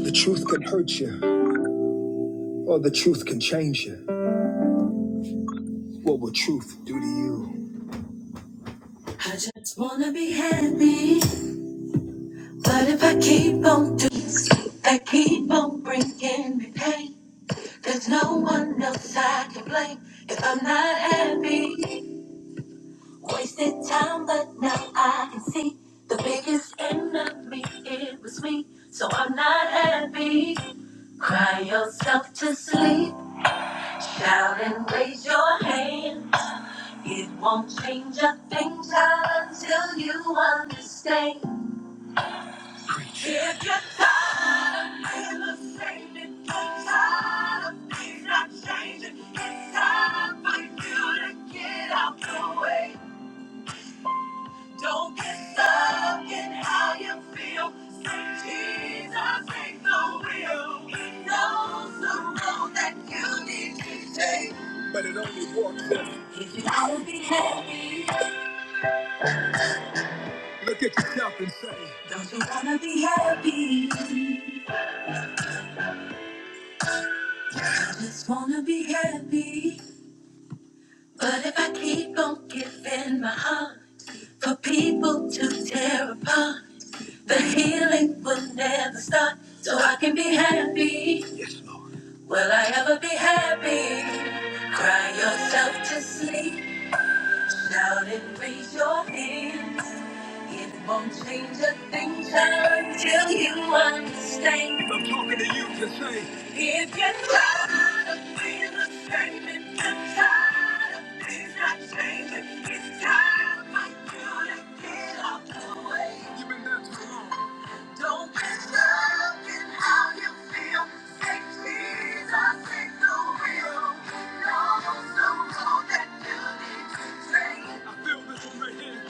The truth can hurt you, or the truth can change you. What will truth do to you? I just wanna be happy, but if I keep on doing things that keep on bringing me pain, there's no one else I can blame if I'm not happy. Wasted time, but now I can see the biggest enemy it was me, so I'm not happy. Cry yourself to sleep, shout and raise your hand. It won't change a thing until you understand. If you're tired of being the same, if you're tired of things not changing, it's time for you to get out the way. Don't get stuck in how you feel. Say, Jesus ain't the wheel. He knows the road that you need to take. But it only works if you gotta be happy. Look at yourself and say, Don't you wanna be happy? I just wanna be happy. But if I keep on giving my heart for people to tear apart, the healing will never start. So I can be happy. Yes, Lord. Will I ever be happy? Cry yourself to sleep. Shout and raise your hands. It won't change a thing, child, until you understand. I'm talking to you to say, if you're tired of being the same, and you're tired of things not changing, it's time for you to get off the way. You've been there too long. Don't be stuck in how you feel. Take Jesus, take the wheel. He knows the road that you need to take. I feel this one right here.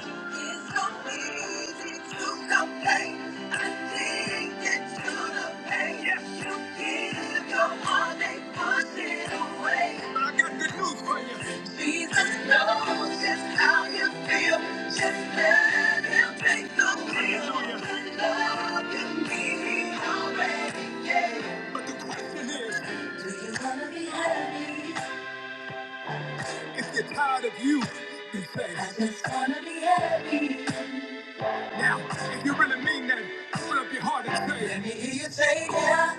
It's so easy to complain. I think it's to the pain. Yes. You give your heart, they push it away. But I got good news for you. Jesus knows just how you feel. Just let him take the wheel. His love can be already? yeah. But the question is, do you wanna be happy? If you're tired of you, then say, I just wanna be happy. Now, if you really mean that, open up your heart and say, Let me hear you say, yeah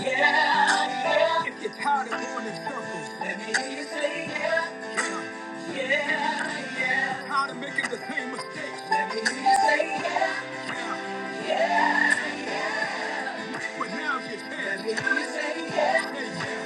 yeah, yeah. if you're tired of going in circles, let me hear you say yeah, yeah, yeah, yeah. Tired of making the same mistakes, let me hear you say yeah, yeah, yeah. But now's your chance, let me hear you say yeah, say yeah.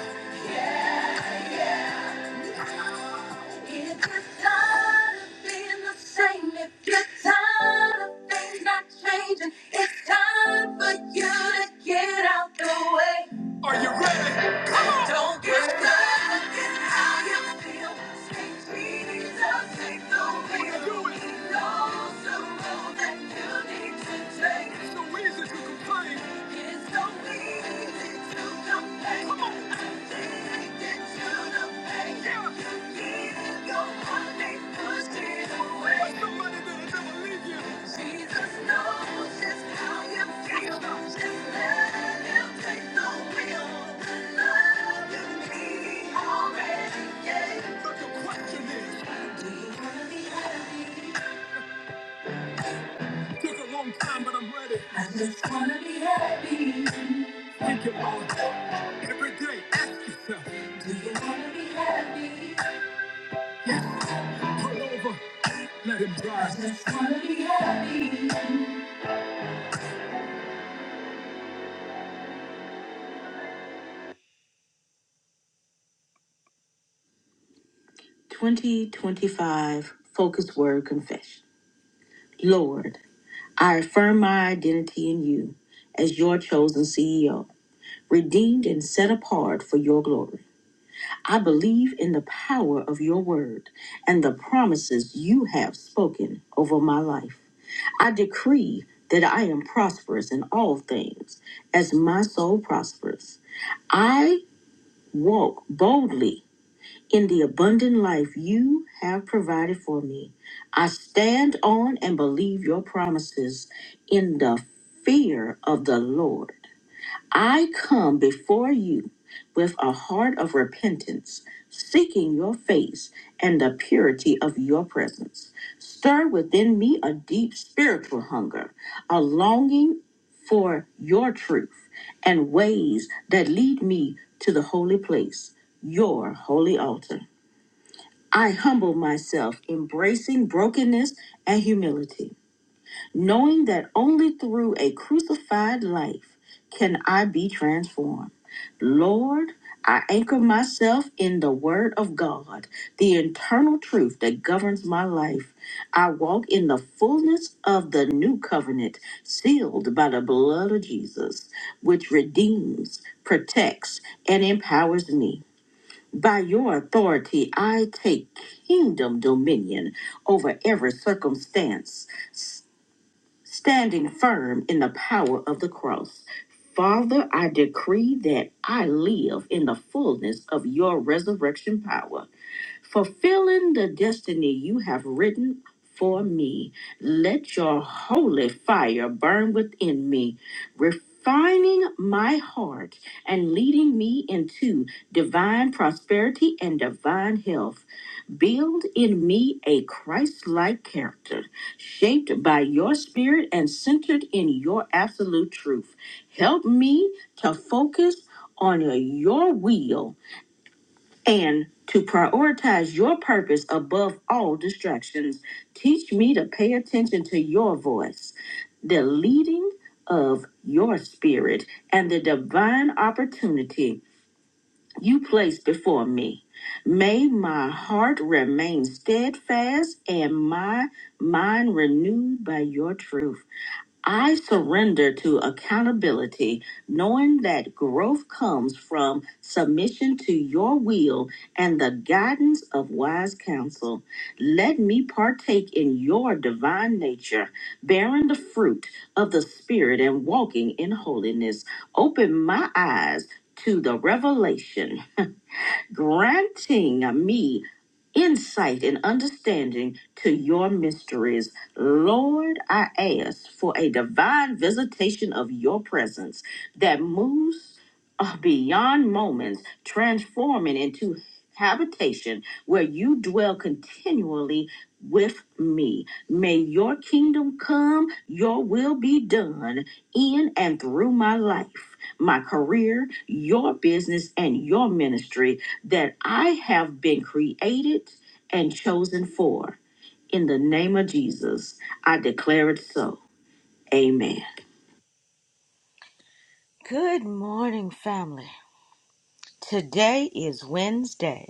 If you're tired of being the same, if you're tired of things not changing, it's time for you to get out the way. Are you ready? Come on! Don't get stuck in how you feel. Speak Jesus, take the wheel. He knows the road that you need to take. It's so easy to complain. Question is, do you wanna be happy? Took a long time, but I'm ready. I just wanna be happy. Thank you, Lord. Every day, ask yourself, Do you wanna be happy? Yes. Pull over, let him drive. I just wanna be happy. 2025 Focus Word Confession. Lord, I affirm my identity in you as your chosen CEO, redeemed and set apart for your glory. I believe in the power of your word and the promises you have spoken over my life. I decree that I am prosperous in all things as my soul prospers. I walk boldly in the abundant life you have provided for me. I stand on and believe your promises in the fear of the Lord. I come before you with a heart of repentance, seeking your face and the purity of your presence. Stir within me a deep spiritual hunger, a longing for your truth and ways that lead me to the holy place, your holy altar. I humble myself, embracing brokenness and humility knowing that only through a crucified life can I be transformed. Lord, I anchor myself in the Word of God, the internal truth that governs my life. I walk in the fullness of the new covenant, sealed by the blood of Jesus, which redeems, protects, and empowers me. By your authority, I take kingdom dominion over every circumstance standing firm in the power of the cross. Father, I decree that I live in the fullness of your resurrection power, fulfilling the destiny you have written for me. Let your holy fire burn within me, refining my heart and leading me into divine prosperity and divine health. Build in me a Christ like character, shaped by your spirit and centered in your absolute truth. Help me to focus on your will and to prioritize your purpose above all distractions. Teach me to pay attention to your voice, the leading of your spirit, and the divine opportunity you place before me. May my heart remain steadfast and my mind renewed by your truth. I surrender to accountability, knowing that growth comes from submission to your will and the guidance of wise counsel. Let me partake in your divine nature, bearing the fruit of the Spirit and walking in holiness. Open my eyes to the revelation granting me insight and understanding to your mysteries. Lord, I ask for a divine visitation of your presence that moves uh, beyond moments, transforming into habitation where you dwell continually with me. May your kingdom come, your will be done in and through my life, my career, your business, and your ministry that I have been created and chosen for. In the name of Jesus, I declare it so. Amen. Good morning, family. Today is Wednesday.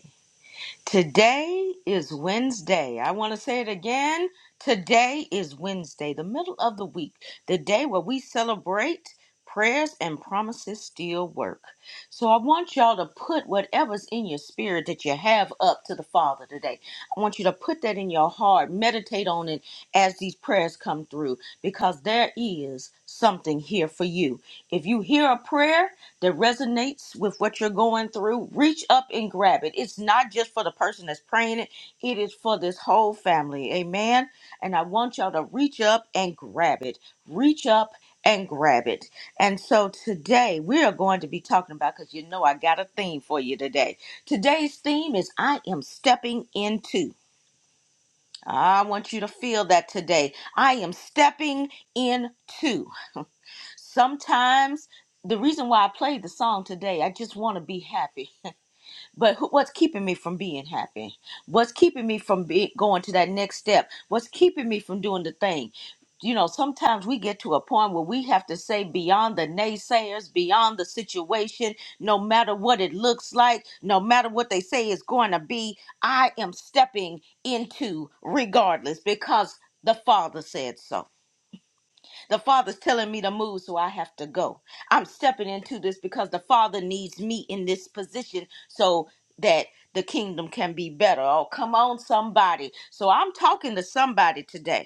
Today is Wednesday. I want to say it again. Today is Wednesday, the middle of the week, the day where we celebrate prayers and promises still work. So I want y'all to put whatever's in your spirit that you have up to the Father today. I want you to put that in your heart, meditate on it as these prayers come through because there is something here for you. If you hear a prayer, that resonates with what you're going through, reach up and grab it. It's not just for the person that's praying it, it is for this whole family. Amen. And I want y'all to reach up and grab it. Reach up and grab it. And so today we are going to be talking about, because you know I got a theme for you today. Today's theme is I am stepping into. I want you to feel that today. I am stepping into sometimes the reason why I played the song today, I just want to be happy. But who- what's keeping me from being happy? What's keeping me from be, going to that next step? What's keeping me from doing the thing? You know, sometimes we get to a point where we have to say beyond the naysayers, beyond the situation, no matter what it looks like, no matter what they say is going to be, I am stepping into regardless because the Father said so. The Father's telling me to move, so I have to go. I'm stepping into this because the Father needs me in this position so that the kingdom can be better. Oh, come on, somebody. So I'm talking to somebody today.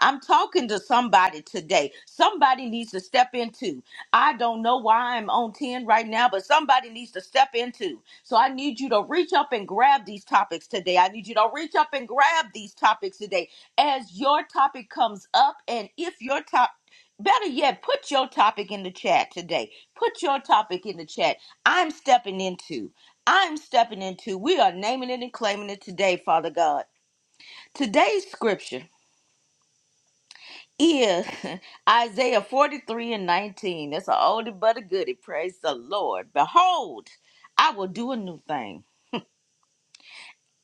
I'm talking to somebody today. Somebody needs to step into. I don't know why I'm on 10 right now, but somebody needs to step into. So I need you to reach up and grab these topics today. I need you to reach up and grab these topics today. As your topic comes up, and if your top, better yet, put your topic in the chat today. Put your topic in the chat. I'm stepping into. I'm stepping into. We are naming it and claiming it today, Father God. Today's scripture is Isaiah 43 and 19. That's an oldie but a goodie. Praise the Lord. Behold, I will do a new thing.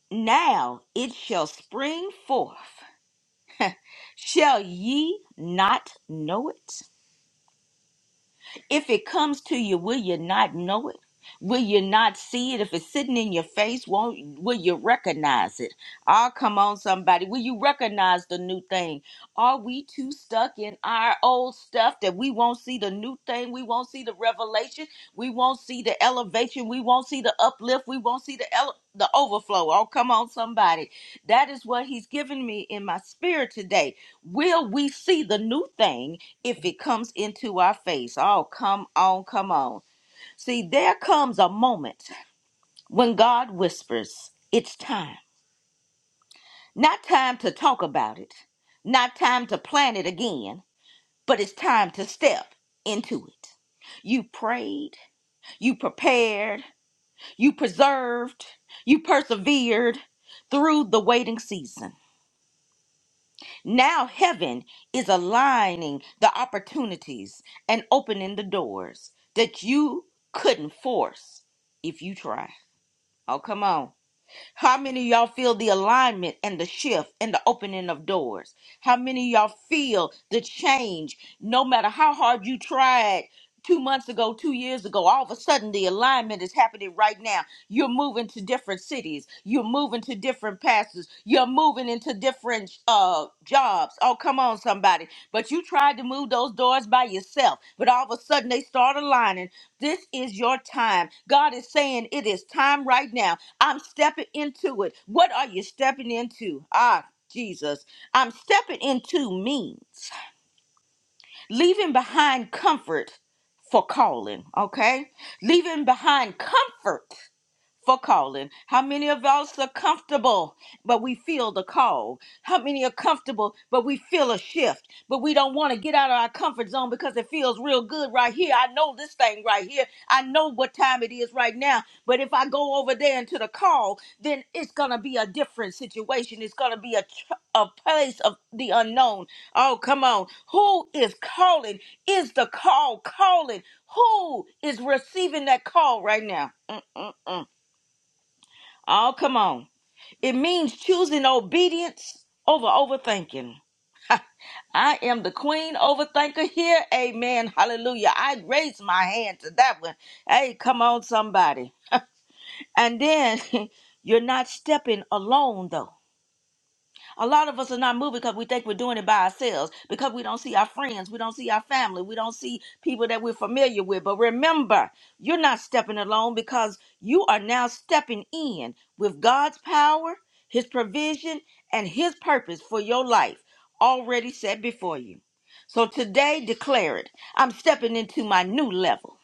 Now it shall spring forth. Shall ye not know it? If it comes to you, will you not know it? Will you not see it? If it's sitting in your face, won't will you recognize it? Oh, come on, somebody. Will you recognize the new thing? Are we too stuck in our old stuff that we won't see the new thing? We won't see the revelation. We won't see the elevation. We won't see the uplift. We won't see the ele- the overflow. Oh, come on, somebody. That is what he's given me in my spirit today. Will we see the new thing if it comes into our face. Oh, come on, come on. See, there comes a moment when God whispers, It's time. Not time to talk about it, not time to plan it again, but it's time to step into it. You prayed, you prepared, you preserved, you persevered through the waiting season. Now heaven is aligning the opportunities and opening the doors that you couldn't force if you try. Oh, come on. How many of y'all feel the alignment and the shift and the opening of doors? How many of y'all feel the change no matter how hard you tried? two months ago, two years ago, all of a sudden the alignment is happening right now. You're moving to different cities. You're moving to different pastors. You're moving into different uh, jobs. Oh, come on, somebody. But you tried to move those doors by yourself, but all of a sudden they start aligning. This is your time. God is saying it is time right now. I'm stepping into it. What are you stepping into? Ah, Jesus. I'm stepping into means leaving behind comfort for calling, okay? Leaving behind comfort for calling. How many of us are comfortable, but we feel the call? How many are comfortable, but we feel a shift, but we don't want to get out of our comfort zone because it feels real good right here? I know this thing right here. I know what time it is right now. But if I go over there into the call, then it's going to be a different situation. It's going to be a, tr- a place of the unknown. Oh, come on. Who is calling? Is the call calling? Who is receiving that call right now? Mm-mm-mm. Oh, come on. It means choosing obedience over overthinking. I am the queen overthinker here. Amen. Hallelujah. I raise my hand to that one. Hey, come on, somebody. And then you're not stepping alone, though. A lot of us are not moving because we think we're doing it by ourselves, because we don't see our friends, we don't see our family, we don't see people that we're familiar with. But remember, you're not stepping alone because you are now stepping in with God's power, His provision, and His purpose for your life already set before you. So today, declare it I'm stepping into my new level,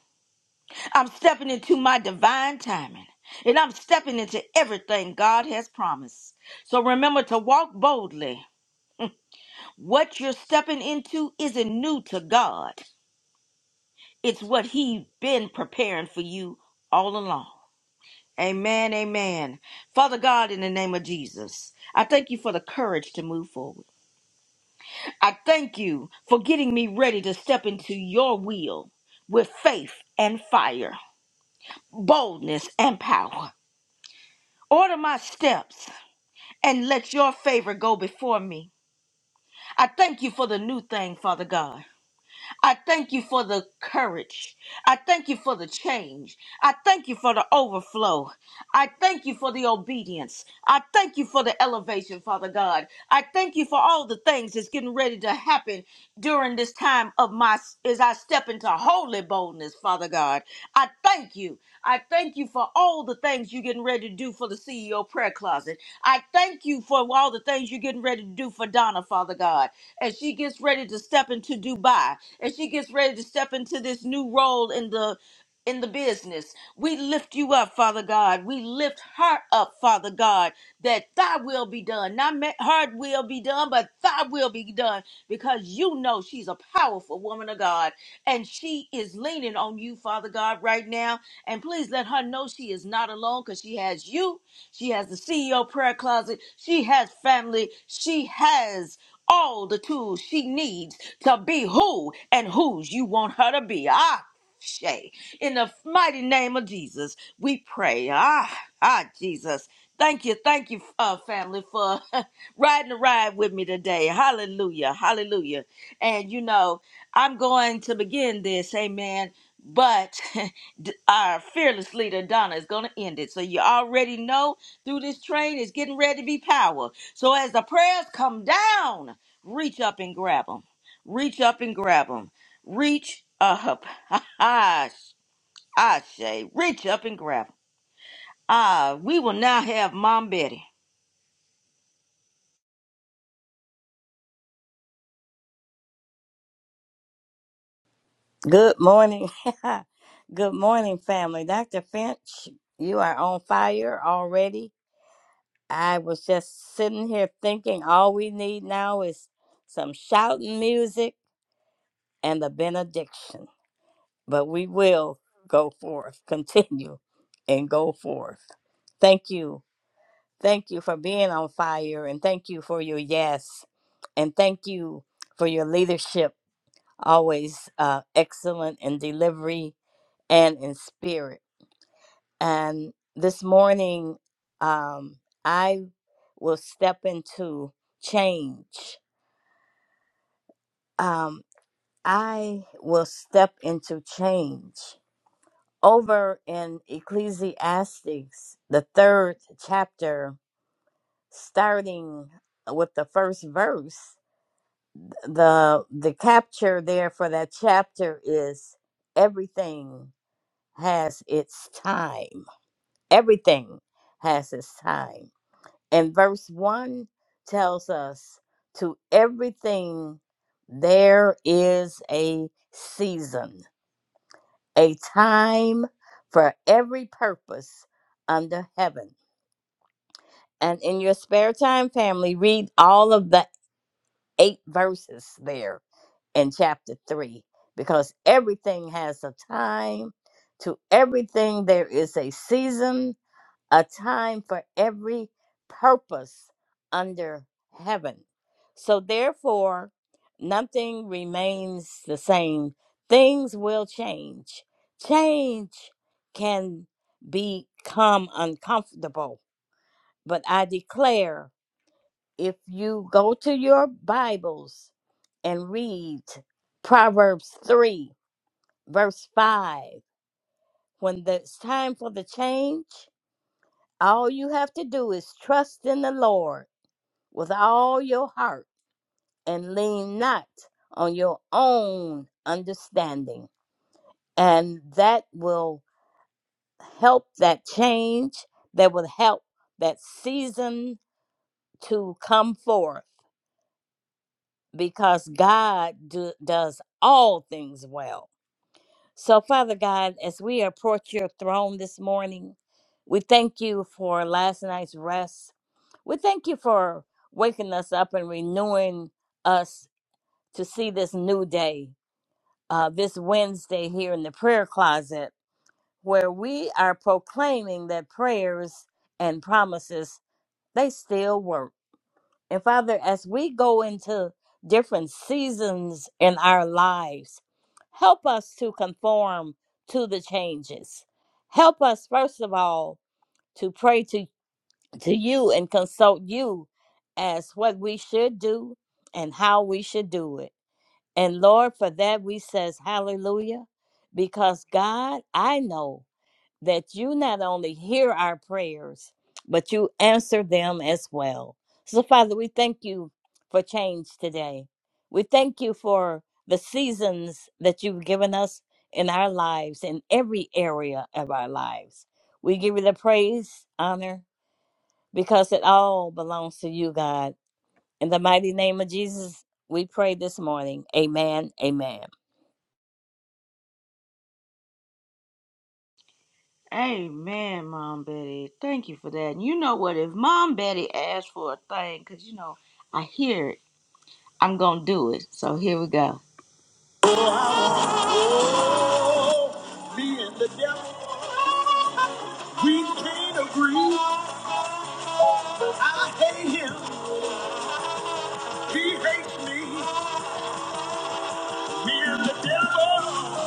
I'm stepping into my divine timing, and I'm stepping into everything God has promised. So remember to walk boldly what you're stepping into isn't new to God. It's what He's been preparing for you all along. Amen, amen. Father God, in the name of Jesus, I thank you for the courage to move forward. I thank you for getting me ready to step into your will with faith and fire, boldness and power. Order my steps and let your favor go before me. I thank you for the new thing, Father God. I thank you for the courage. I thank you for the change. I thank you for the overflow. I thank you for the obedience. I thank you for the elevation, Father God. I thank you for all the things that's getting ready to happen during this time of my as I step into holy boldness, Father God. I thank you. I thank you for all the things you're getting ready to do for the CEO prayer closet. I thank you for all the things you're getting ready to do for Donna, Father God. As she gets ready to step into Dubai, as she gets ready to step into this new role in the in the business. We lift you up, Father God. We lift her up, Father God, that thy will be done. Not ma- her will be done, but thy will be done because you know she's a powerful woman of God and she is leaning on you, Father God, right now. And please let her know she is not alone because she has you. She has the CEO prayer closet. She has family. She has all the tools she needs to be who and whose you want her to be. Ah, Shay. In the mighty name of Jesus, we pray. Ah, ah, Jesus. Thank you, thank you, uh, family, for riding the ride with me today. Hallelujah, hallelujah. And you know, I'm going to begin this, amen. But d- our fearless leader, Donna, is going to end it. So you already know through this train is getting ready to be power. So as the prayers come down, reach up and grab them. Reach up and grab 'em. Reach up. I I say, reach up and grab 'em. Ah, we will now have Mom Betty. Good morning. Good morning, family. Dr. Finch, you are on fire already. I was just sitting here thinking all we need now is some shouting music and the benediction. But we will go forth, continue and go forth. Thank you. Thank you for being on fire and thank you for your yes. And thank you for your leadership, always uh, excellent in delivery and in spirit. And this morning, um, I will step into change. Um, I will step into change. Over in Ecclesiastes, the third chapter, starting with the first verse, the the capture there for that chapter is everything has its time. Everything has its time And verse 1 tells us to everything there is a season, a time for every purpose under heaven. And in your spare time, family, read all of the eight verses there in chapter 3 because everything has a time. To everything, there is a season a time for every purpose under heaven. So, therefore, nothing remains the same. Things will change. Change can become uncomfortable. But I declare if you go to your Bibles and read Proverbs 3, verse 5, when the- it's time for the change, All you have to do is trust in the Lord with all your heart and lean not on your own understanding. And that will help that change, that will help that season to come forth because God do, does all things well. So, Father God, as we approach your throne this morning, we thank you for last night's rest. We thank you for waking us up and renewing us to see this new day, uh, this Wednesday here in the prayer closet, where we are proclaiming that prayers and promises, they still work. And Father, as we go into different seasons in our lives, help us to conform to the changes. Help us, first of all, to pray to to you and consult you as what we should do and how we should do it. And Lord, for that we says hallelujah because God, I know that you not only hear our prayers, but you answer them as well. So Father, we thank you for change today. We thank you for the seasons that you've given us in our lives in every area of our lives. We give you the praise, honor, because it all belongs to you, God. In the mighty name of Jesus, we pray this morning. Amen. Amen. Amen, Mom Betty. Thank you for that. And you know what? If Mom Betty asks for a thing, 'cause you know, I hear it, I'm going to do it. So here we go. Me and the devil, we can't agree. I hate him, he hates me. Me and the devil,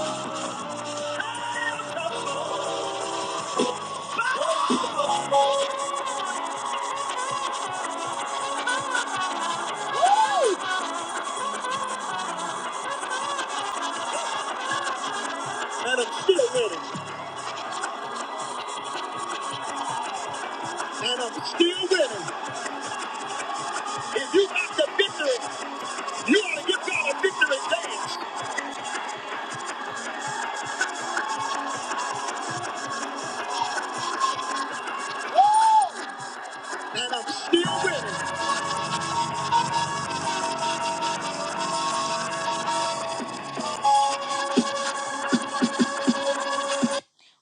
and I'm still with him. And I'm still with him. If you after victory, you ought to get y'all a victory dance. And I'm still winning.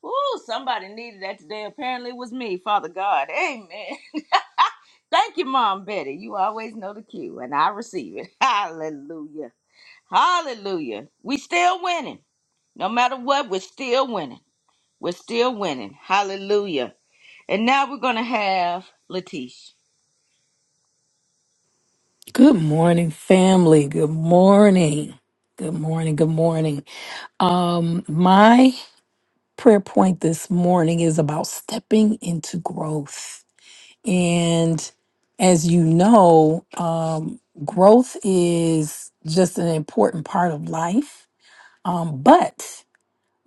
Ooh, somebody needed that today. Apparently it was me, Father God. Amen. Thank you, Mom Betty. You always know the cue, and I receive it. Hallelujah. Hallelujah. We still winning. No matter what, we're still winning. We're still winning. Hallelujah. And now we're gonna have Latish. Good morning, family. Good morning. Good morning. Good morning. Um, my prayer point this morning is about stepping into growth. And as you know, um, growth is just an important part of life. Um, but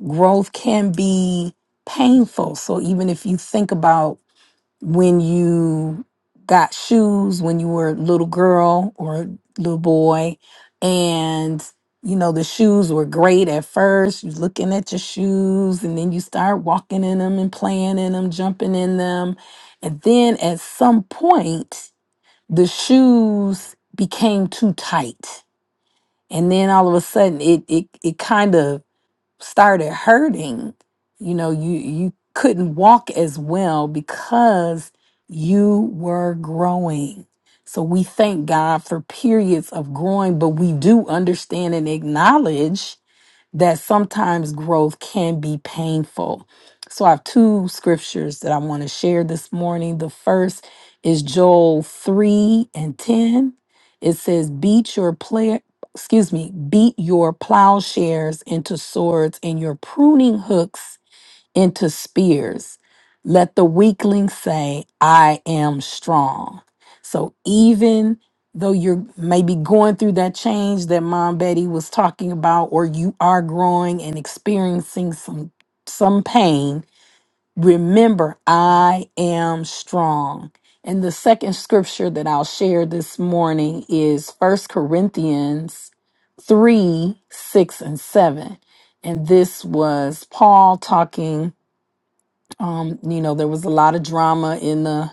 growth can be painful. So even if you think about when you got shoes when you were a little girl or a little boy and you know the shoes were great at first you you're looking at your shoes and then you start walking in them and playing in them jumping in them and then at some point the shoes became too tight and then all of a sudden it it, it kind of started hurting you know you you couldn't walk as well because you were growing so we thank god for periods of growing but we do understand and acknowledge that sometimes growth can be painful. So I have two scriptures that I want to share this morning. The first is Joel 3 and 10. It says, Beat your player. Excuse me, beat your plowshares into swords and your pruning hooks into spears. Let the weakling say, I am strong. So even though you're maybe going through that change that Mom Betty was talking about, or you are growing and experiencing some some pain, remember I am strong. And the second scripture that I'll share this morning is First Corinthians 3, 6, and 7. And this was Paul talking um you know there was a lot of drama in the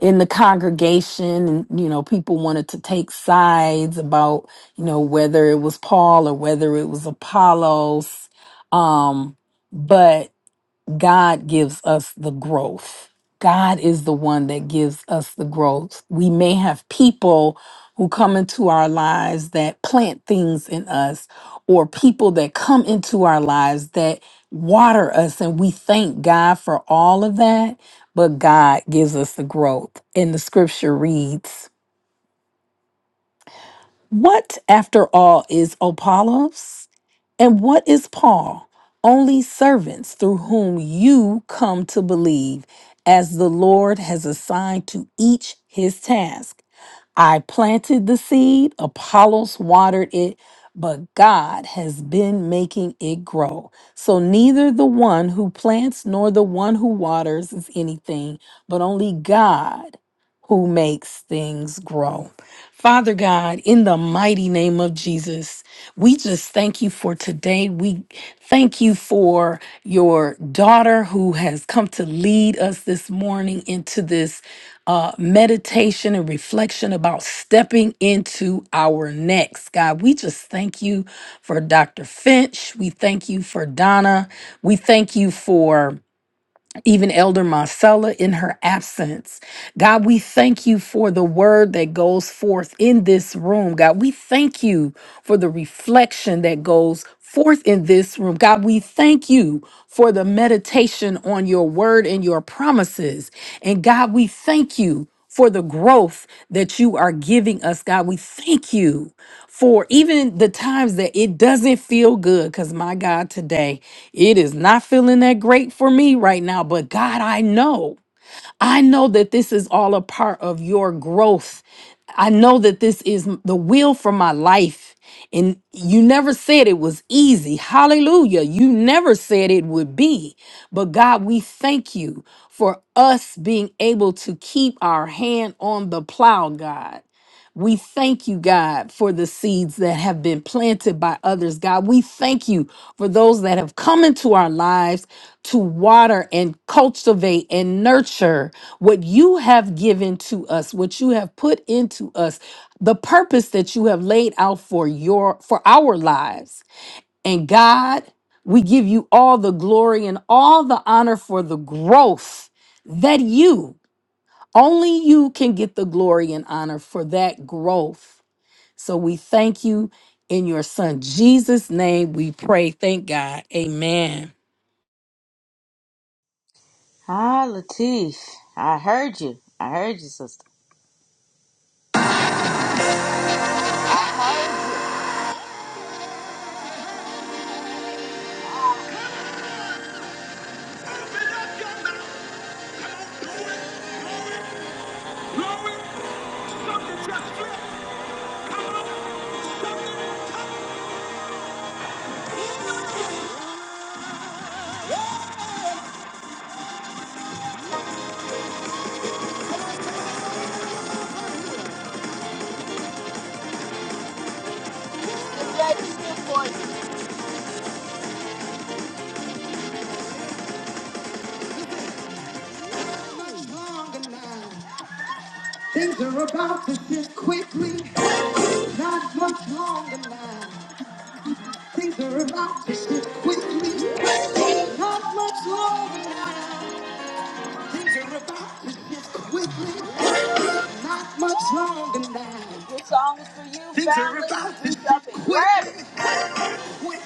in the congregation and you know people wanted to take sides about you know whether it was paul or whether it was apollos um but God gives us the growth. God is the one that gives us the growth. We may have people who come into our lives that plant things in us, or people that come into our lives that water us, and we thank God for all of that. But God gives us the growth. And the scripture reads, what, after all, is Apollos? And what is Paul? Only servants through whom you come to believe, as the Lord has assigned to each his task. I planted the seed, Apollos watered it, but God has been making it grow. So neither the one who plants nor the one who waters is anything, but only God who makes things grow. Father God, in the mighty name of Jesus, we just thank you for today. We thank you for your daughter who has come to lead us this morning into this uh, meditation and reflection about stepping into our next. God, we just thank you for Dr. Finch. We thank you for Donna. We thank you for even Elder Marcella in her absence. God, we thank you for the word that goes forth in this room. God, we thank you for the reflection that goes forth in this room. God, we thank you for the meditation on your word and your promises. And God, we thank you for the growth that you are giving us, God. We thank you for even the times that it doesn't feel good, because my God, today it is not feeling that great for me right now. But God, I know. I know that this is all a part of your growth. I know that this is m- the will for my life. And you never said it was easy. Hallelujah. You never said it would be. But God, we thank you for us being able to keep our hand on the plow, God. We thank you, God, for the seeds that have been planted by others. God, we thank you for those that have come into our lives to water and cultivate and nurture what you have given to us, what you have put into us, the purpose that you have laid out for your for our lives. And God, we give you all the glory and all the honor for the growth that you only you can get the glory and honor for that growth so we thank you in your son Jesus' name. We pray. Thank God. Amen. Hi, Latish. I heard you. I heard you, sister. Things are about to shift quickly, not much longer now. Things are about to shift quickly, not much longer now. Things are about to shift quickly, not much longer now. This song is for you, Things are family. about quickly. Quick,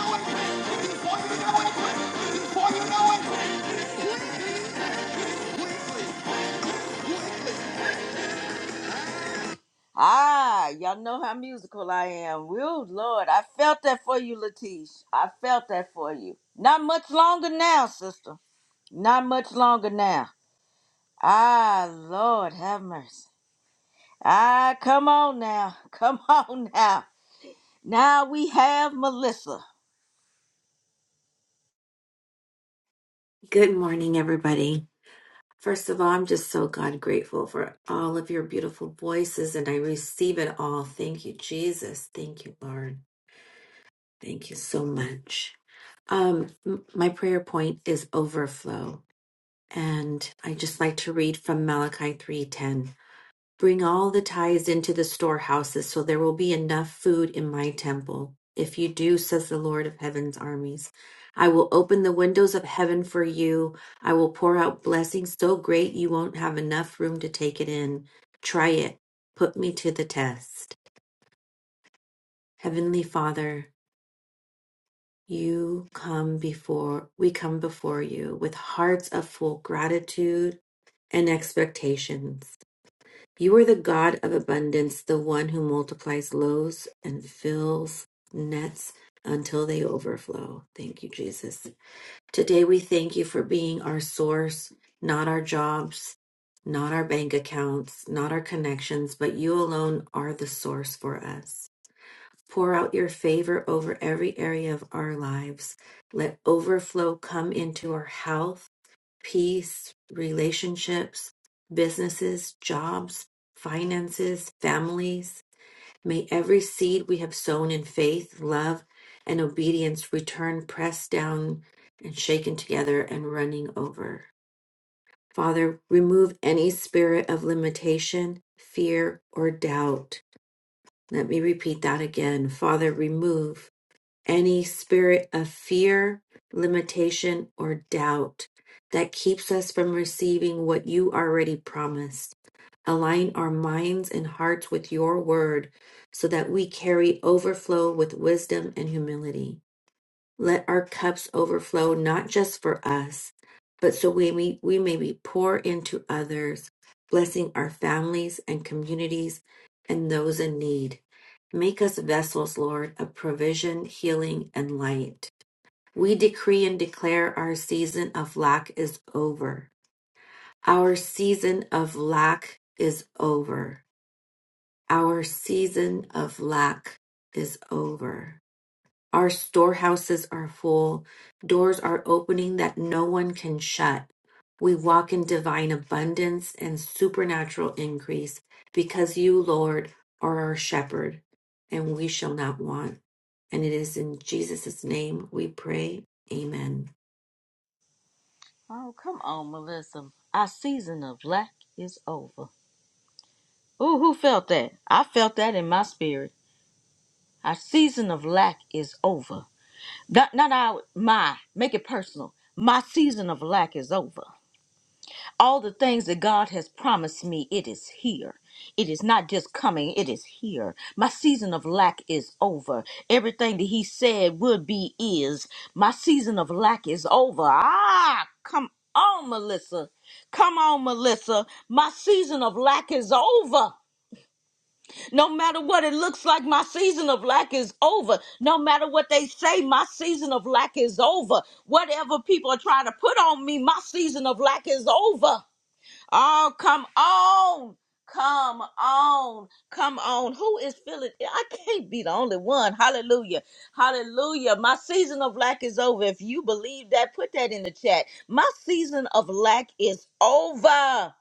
quick, before you know it, quick, before you know it. Ah, y'all know how musical I am. Will Lord, I felt that for you, Latish. I felt that for you. Not much longer now, sister. Not much longer now. Ah, Lord, have mercy. Ah, come on now. Come on now. Now we have Melissa. Good morning, everybody. First of all, I'm just so God grateful for all of your beautiful voices, and I receive it all. Thank you, Jesus. Thank you, Lord. Thank you so much. Um, m- my prayer point is overflow, and I just like to read from Malachi 3:10. Bring all the tithes into the storehouses, so there will be enough food in my temple. If you do, says the Lord of heaven's armies, I will open the windows of heaven for you. I will pour out blessings so great you won't have enough room to take it in. Try it. Put me to the test. Heavenly Father, you come before, we come before you with hearts of full gratitude and expectations. You are the God of abundance, the one who multiplies loaves and fills nets until they overflow. Thank you, Jesus. Today we thank you for being our source, not our jobs, not our bank accounts, not our connections, but you alone are the source for us. Pour out your favor over every area of our lives. Let overflow come into our health peace, relationships, businesses, jobs, finances, families. May every seed we have sown in faith, love, and obedience return pressed down and shaken together and running over. Father, remove any spirit of limitation, fear, or doubt. Let me repeat that again. Father, remove any spirit of fear, limitation, or doubt that keeps us from receiving what you already promised. Align our minds and hearts with your word so that we carry overflow with wisdom and humility. Let our cups overflow, not just for us, but so we may, we may be pour into others, blessing our families and communities and those in need. Make us vessels, Lord, of provision, healing, and light. We decree and declare our season of lack is over. Our season of lack is over. Our season of lack is over. Our storehouses are full. Doors are opening that no one can shut. We walk in divine abundance and supernatural increase because you, Lord, are our shepherd, and we shall not want. And it is in Jesus' name we pray. Amen. Oh, come on, Melissa. Our season of lack is over. Ooh, who felt that? I felt that in my spirit. Our season of lack is over. Not, not our, my, make it personal. My season of lack is over. all the things that God has promised me, it is here. It is not just coming, it is here. My season of lack is over. Everything that He said would be is. My season of lack is over. Ah, come on, Melissa. Come on, Melissa. My season of lack is over. No matter what it looks like, my season of lack is over. No matter what they say, my season of lack is over. Whatever people are trying to put on me, my season of lack is over. Oh, come on. Come on. Come on. Who is feeling? it? I can't be the only one. Hallelujah. Hallelujah. My season of lack is over. If you believe that, put that in the chat. My season of lack is over.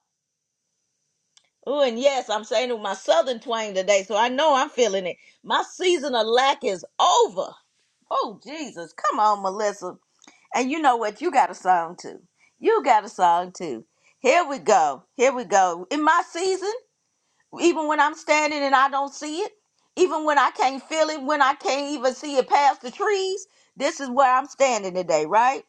Oh, and yes, I'm saying it with my southern twang today, so I know I'm feeling it. My season of lack is over. Oh, Jesus. Come on, Melissa. And you know what? You got a song too. You got a song too. Here we go. Here we go. In my season, even when I'm standing and I don't see it, even when I can't feel it, when I can't even see it past the trees, this is where I'm standing today, right?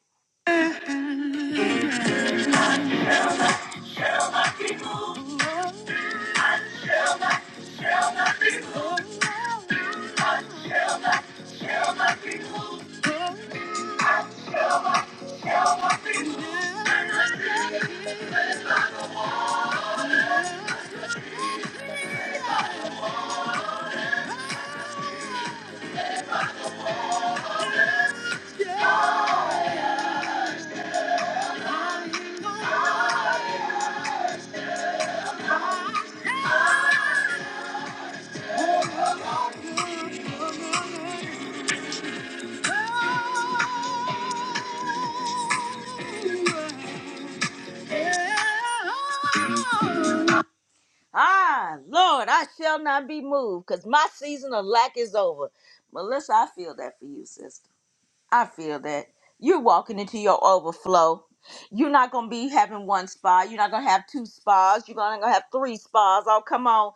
Ah, Lord, I shall not be moved because my season of lack is over. Melissa, I feel that for you, sister. I feel that. You're walking into your overflow. You're not gonna be having one spa. You're not gonna have two spas. You're gonna have three spas. Oh, come on!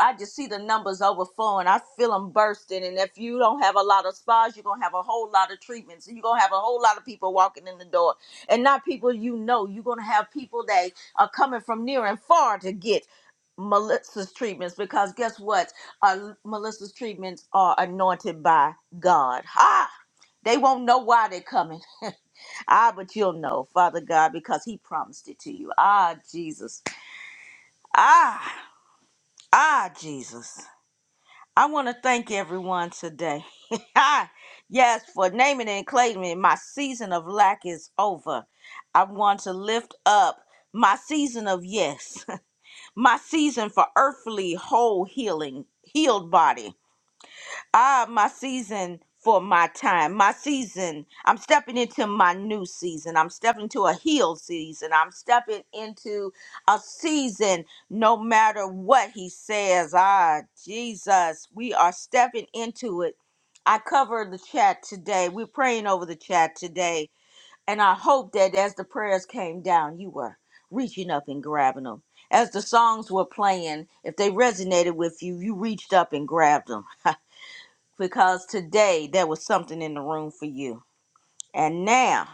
I just see the numbers overflowing. I feel them bursting. And if you don't have a lot of spas, you're gonna have a whole lot of treatments. You're gonna have a whole lot of people walking in the door, and not people you know. You're gonna have people that are coming from near and far to get Melissa's treatments because guess what? Uh, Melissa's treatments are anointed by God. Ha! They won't know why they're coming. ah, but you'll know, Father God, because He promised it to you. Ah, Jesus. Ah, ah, Jesus. I want to thank everyone today. Ah, yes, for naming and claiming it. my season of lack is over. I want to lift up my season of yes, my season for earthly whole healing, healed body. Ah, my season for my time, my season. I'm stepping into my new season. I'm stepping into a healed season. I'm stepping into a season no matter what he says. Ah, Jesus, we are stepping into it. I covered the chat today. We're praying over the chat today. And I hope that as the prayers came down, you were reaching up and grabbing them. As the songs were playing, if they resonated with you, you reached up and grabbed them because today there was something in the room for you. And now,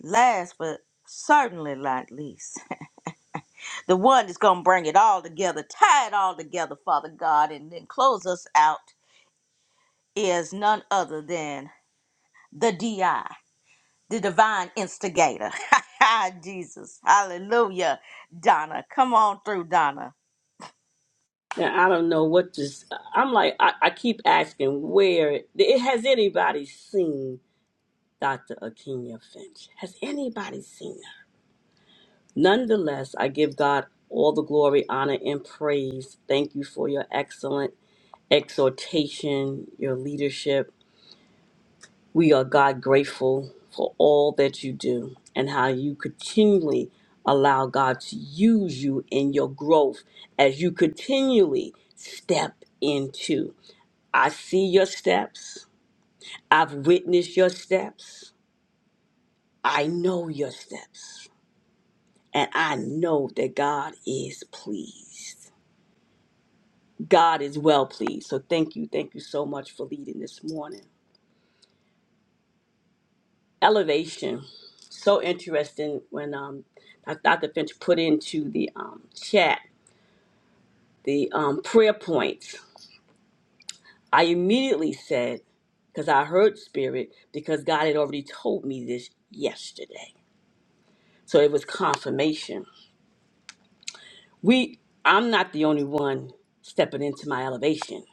last but certainly not least, the one that's going to bring it all together, tie it all together, Father God, and then close us out is none other than the DI, the divine instigator. Jesus. Hallelujah. Donna, come on through, Donna. Now I don't know what this. I'm like I, I keep asking where it has anybody seen Dr. Akinya Finch? Has anybody seen her? Nonetheless, I give God all the glory, honor, and praise. Thank you for your excellent exhortation, your leadership. We are God grateful for all that you do and how you continually allow God to use you in your growth as you continually step into. I see your steps. I've witnessed your steps. I know your steps. And I know that God is pleased. God is well pleased. So thank you. Thank you so much for leading this morning. Elevation. So interesting when um, Dr. Finch put into the um, chat the um, prayer points. I immediately said, because I heard spirit, because God had already told me this yesterday. So it was confirmation We, I'm not the only one stepping into my elevation.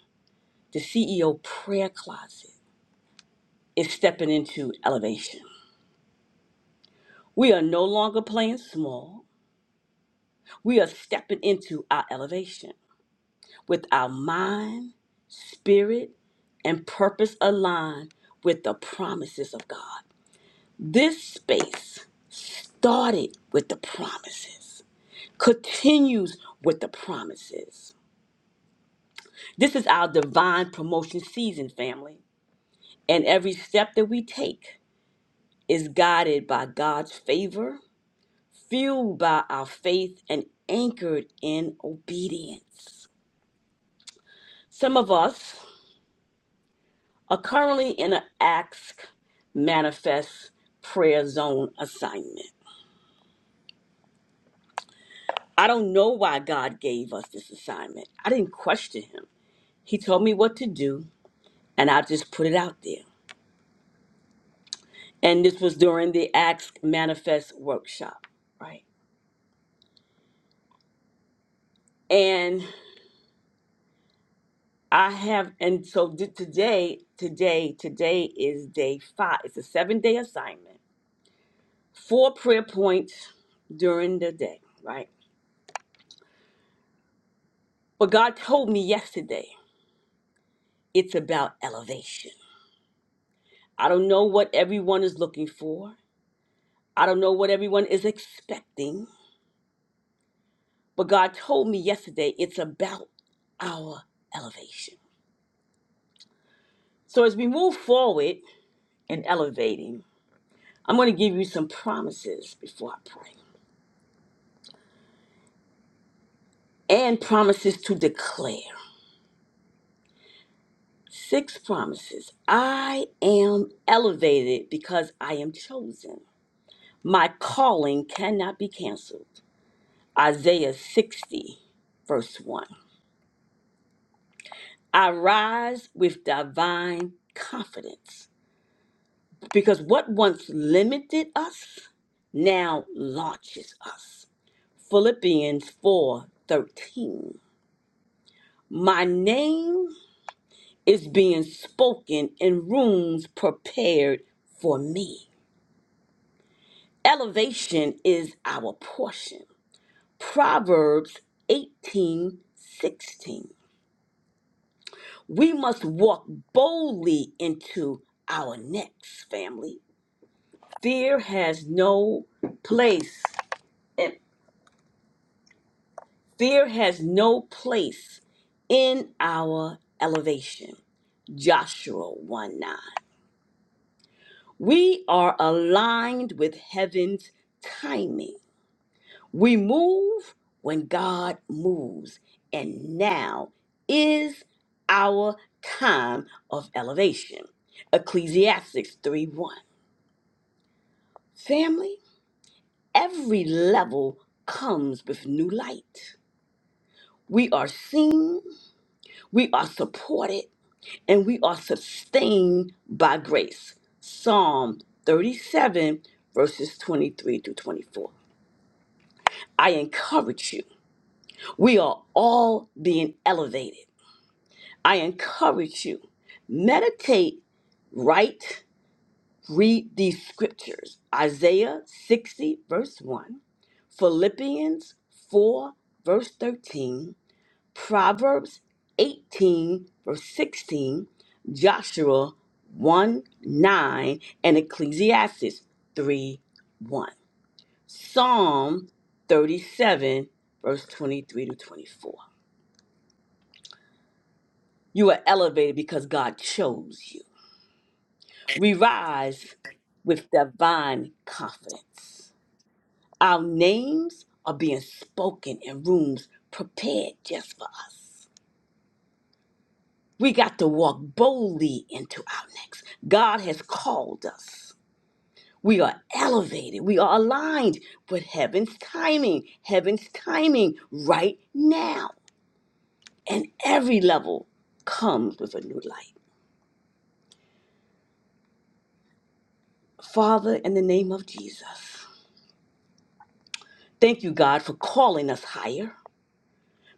The CEO prayer closet is stepping into elevation. We are no longer playing small. We are stepping into our elevation with our mind, spirit, and purpose aligned with the promises of God. This space started with the promises, continues with the promises. This is our divine promotion season, family. And every step that we take is guided by God's favor, fueled by our faith, and anchored in obedience. Some of us are currently in an ask, manifest, prayer zone assignment. I don't know why God gave us this assignment. I didn't question Him. He told me what to do, and I just put it out there. And this was during the Acts Manifest workshop, right? And I have, and so did today, today, today is day five. It's a seven day assignment, four prayer points during the day, right? But God told me yesterday, it's about elevation. I don't know what everyone is looking for, I don't know what everyone is expecting, but God told me yesterday, it's about our elevation. So as we move forward in elevating, I'm going to give you some promises before I pray. and promises to declare. Six promises. I am elevated because I am chosen. My calling cannot be canceled. Isaiah 60, verse 1. I rise with divine confidence because what once limited us now launches us. Philippians 4 13. My name is being spoken in rooms prepared for me. Elevation is our portion. Proverbs 18 16. We must walk boldly into our next family. Fear has no place, and fear has no place in our elevation. Joshua 1 9. We are aligned with heaven's timing. We move when God moves. And now is our time of elevation. Ecclesiastes 3 1. Family, every level comes with new light. We are seen, we are supported, and we are sustained by grace. Psalm 37, verses 23 through 24. I encourage you, we are all being elevated. I encourage you, meditate, write, read these scriptures Isaiah 60, verse 1, Philippians 4, verse 13, Proverbs 18, verse 16, Joshua 1 9, and Ecclesiastes 3 1. Psalm 37, verse 23 to 24. You are elevated because God chose you. We rise with divine confidence. Our names are being spoken in rooms prepared just for us. We got to walk boldly into our next. God has called us. We are elevated. We are aligned with heaven's timing, heaven's timing right now. And every level comes with a new light. Father, in the name of Jesus, thank you, God, for calling us higher.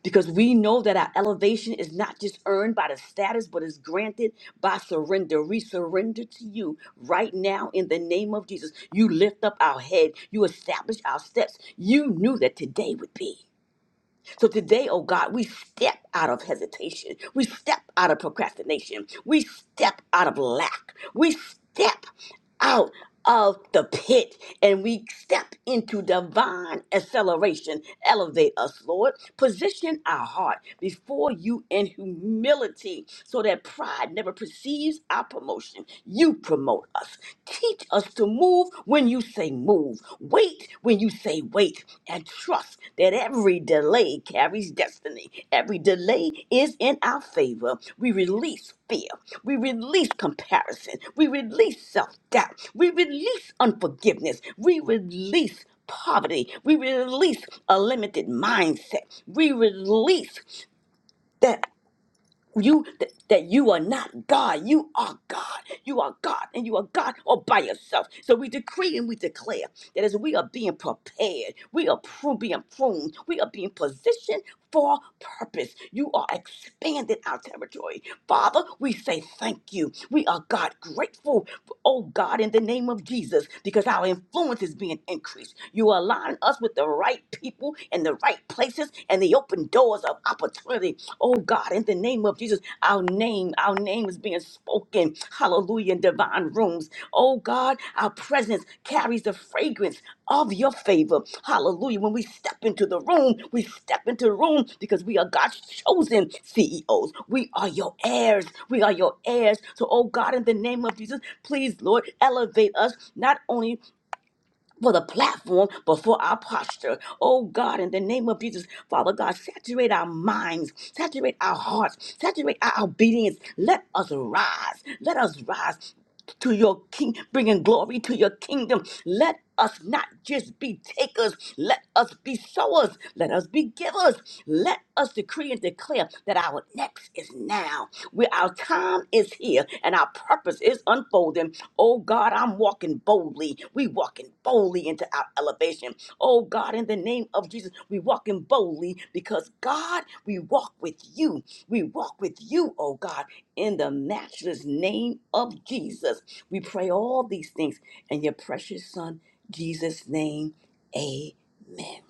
because we know that our elevation is not just earned by the status, but is granted by surrender. We surrender to you right now in the name of Jesus. You lift up our head, you establish our steps. You knew that today would be. So today, oh God, we step out of hesitation. We step out of procrastination. We step out of lack. We step out of the pit and we step into divine acceleration. Elevate us, Lord. Position our heart before you in humility so that pride never perceives our promotion. You promote us. Teach us to move when you say move, wait when you say wait, and trust that every delay carries destiny. Every delay is in our favor. We release fear, we release comparison, we release self doubt, we release unforgiveness, we release poverty, we release a limited mindset, we release. that you th- that you are not God. You are God. You are God, and you are God all by yourself. So we decree and we declare that as we are being prepared, we are pru- being pruned, we are being positioned for purpose. You are expanding our territory. Father, we say thank you. We are God grateful, oh God, in the name of Jesus, because our influence is being increased. You are aligning us with the right people in the right places and the open doors of opportunity, oh God. in in the name of Jesus. Our name, our name is being spoken. Hallelujah. In divine rooms. Oh God, our presence carries the fragrance of your favor. Hallelujah. When we step into the room, we step into the room because we are God's chosen CEOs. We are your heirs. We are your heirs. So, oh God, in the name of Jesus, please, Lord, elevate us not only for the platform, before our posture. Oh God, in the name of Jesus, Father God, saturate our minds, saturate our hearts, saturate our obedience. Let us rise. Let us rise to your king, bringing glory to your kingdom. Let us not just be takers, let us be sowers, let us be givers, let us decree and declare that our next is now now. We, our time is here and our purpose is unfolding. Oh God, I'm walking boldly. We walking boldly into our elevation. Oh God, in the name of Jesus, we walking boldly because God, we walk with you. We walk with you, oh God, in the matchless name of Jesus. We pray all these things in your precious son, Jesus' name. Amen.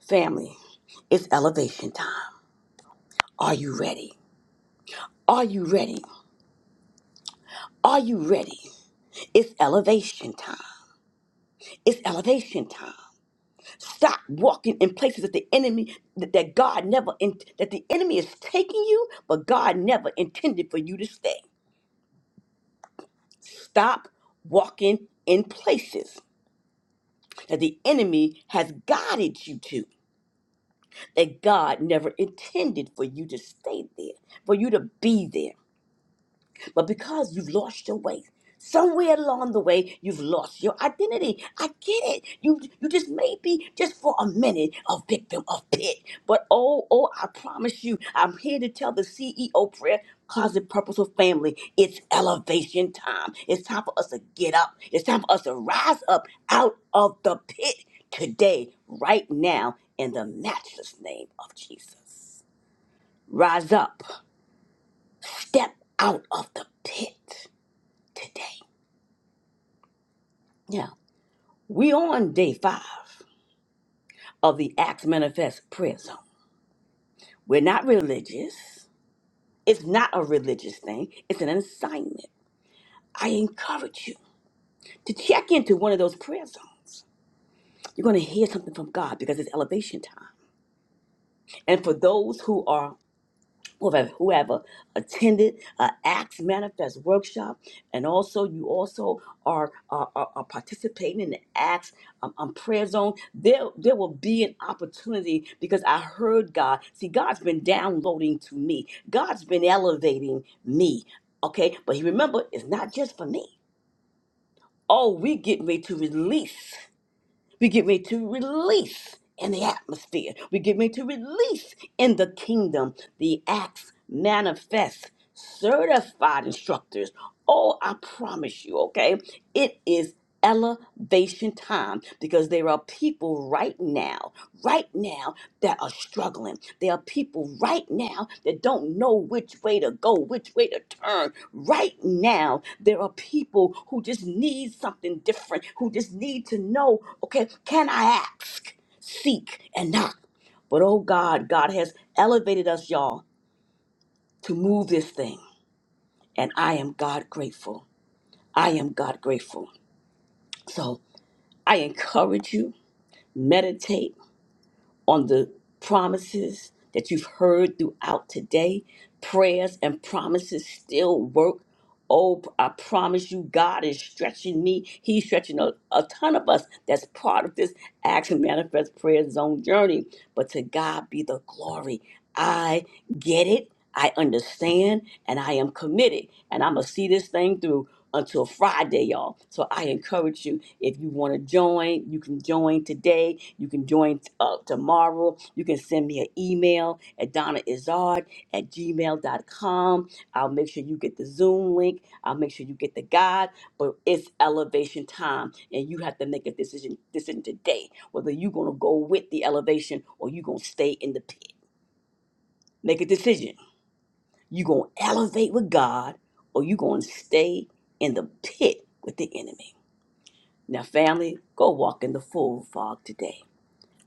Family, it's elevation time. Are you ready? Are you ready? Are you ready? It's elevation time. It's elevation time. Stop walking in places that the enemy that, that God never in, that the enemy is taking you, but God never intended for you to stay. Stop walking in places that the enemy has guided you to, that God never intended for you to stay there, for you to be there. But because you've lost your way, somewhere along the way, you've lost your identity. I get it. You you just maybe just for a minute a victim of pit. But oh, oh, I promise you, I'm here to tell the CEO prayer. Closet Purposeful Family, it's elevation time. It's time for us to get up. It's time for us to rise up out of the pit today, right now, in the matchless name of Jesus. Rise up, step out of the pit today. Yeah. We on day five of the Acts Manifest Prayer Zone. We're not religious. It's not a religious thing. It's an assignment. I encourage you to check into one of those prayer zones. You're going to hear something from God because it's elevation time. And for those who are whoever, whoever attended an Acts Manifest workshop, and also you also are are, are- are participating in the Acts um, um, prayer zone. There there will be an opportunity because I heard God. See, God's been downloading to me. God's been elevating me. Okay, but you remember, it's not just for me. Oh, we getting ready to release. We get ready to release in the atmosphere. We get ready to release in the kingdom the acts manifest, certified instructors. Oh, I promise you, okay? It is elevation time because there are people right now, right now that are struggling. There are people right now that don't know which way to go, which way to turn. Right now, there are people who just need something different, who just need to know, okay, can I ask, seek, and knock? But oh God, God has elevated us, y'all, to move this thing. And I am God grateful. I am God grateful. So I encourage you, meditate on the promises that you've heard throughout today. Prayers and promises still work. Oh, I promise you, God is stretching me. He's stretching a, a ton of us. That's part of this Action Manifest Prayer Zone journey. But to God be the glory. I get it. I understand. And I am committed. And I'm going to see this thing through until Friday, y'all. So I encourage you, if you want to join, you can join today. You can join uh, tomorrow. You can send me an email at donnaizard at gmail dot com. I'll make sure you get the Zoom link. I'll make sure you get the guide. But it's elevation time, and you have to make a decision, decision today whether you're going to go with the elevation or you're going to stay in the pit. Make a decision. You're going to elevate with God or you're going to stay in the pit with the enemy. Now, family, go walk in the full fog today,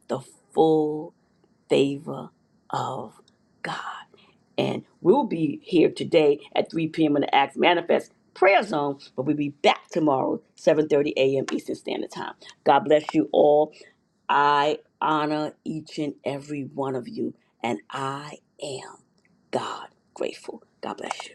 the full favor of God. And we'll be here today at 3 p.m. in the Acts Manifest Prayer Zone, but we'll be back tomorrow, 7.30 a.m. Eastern Standard Time. God bless you all. I honor each and every one of you, and I am God grateful. God bless you.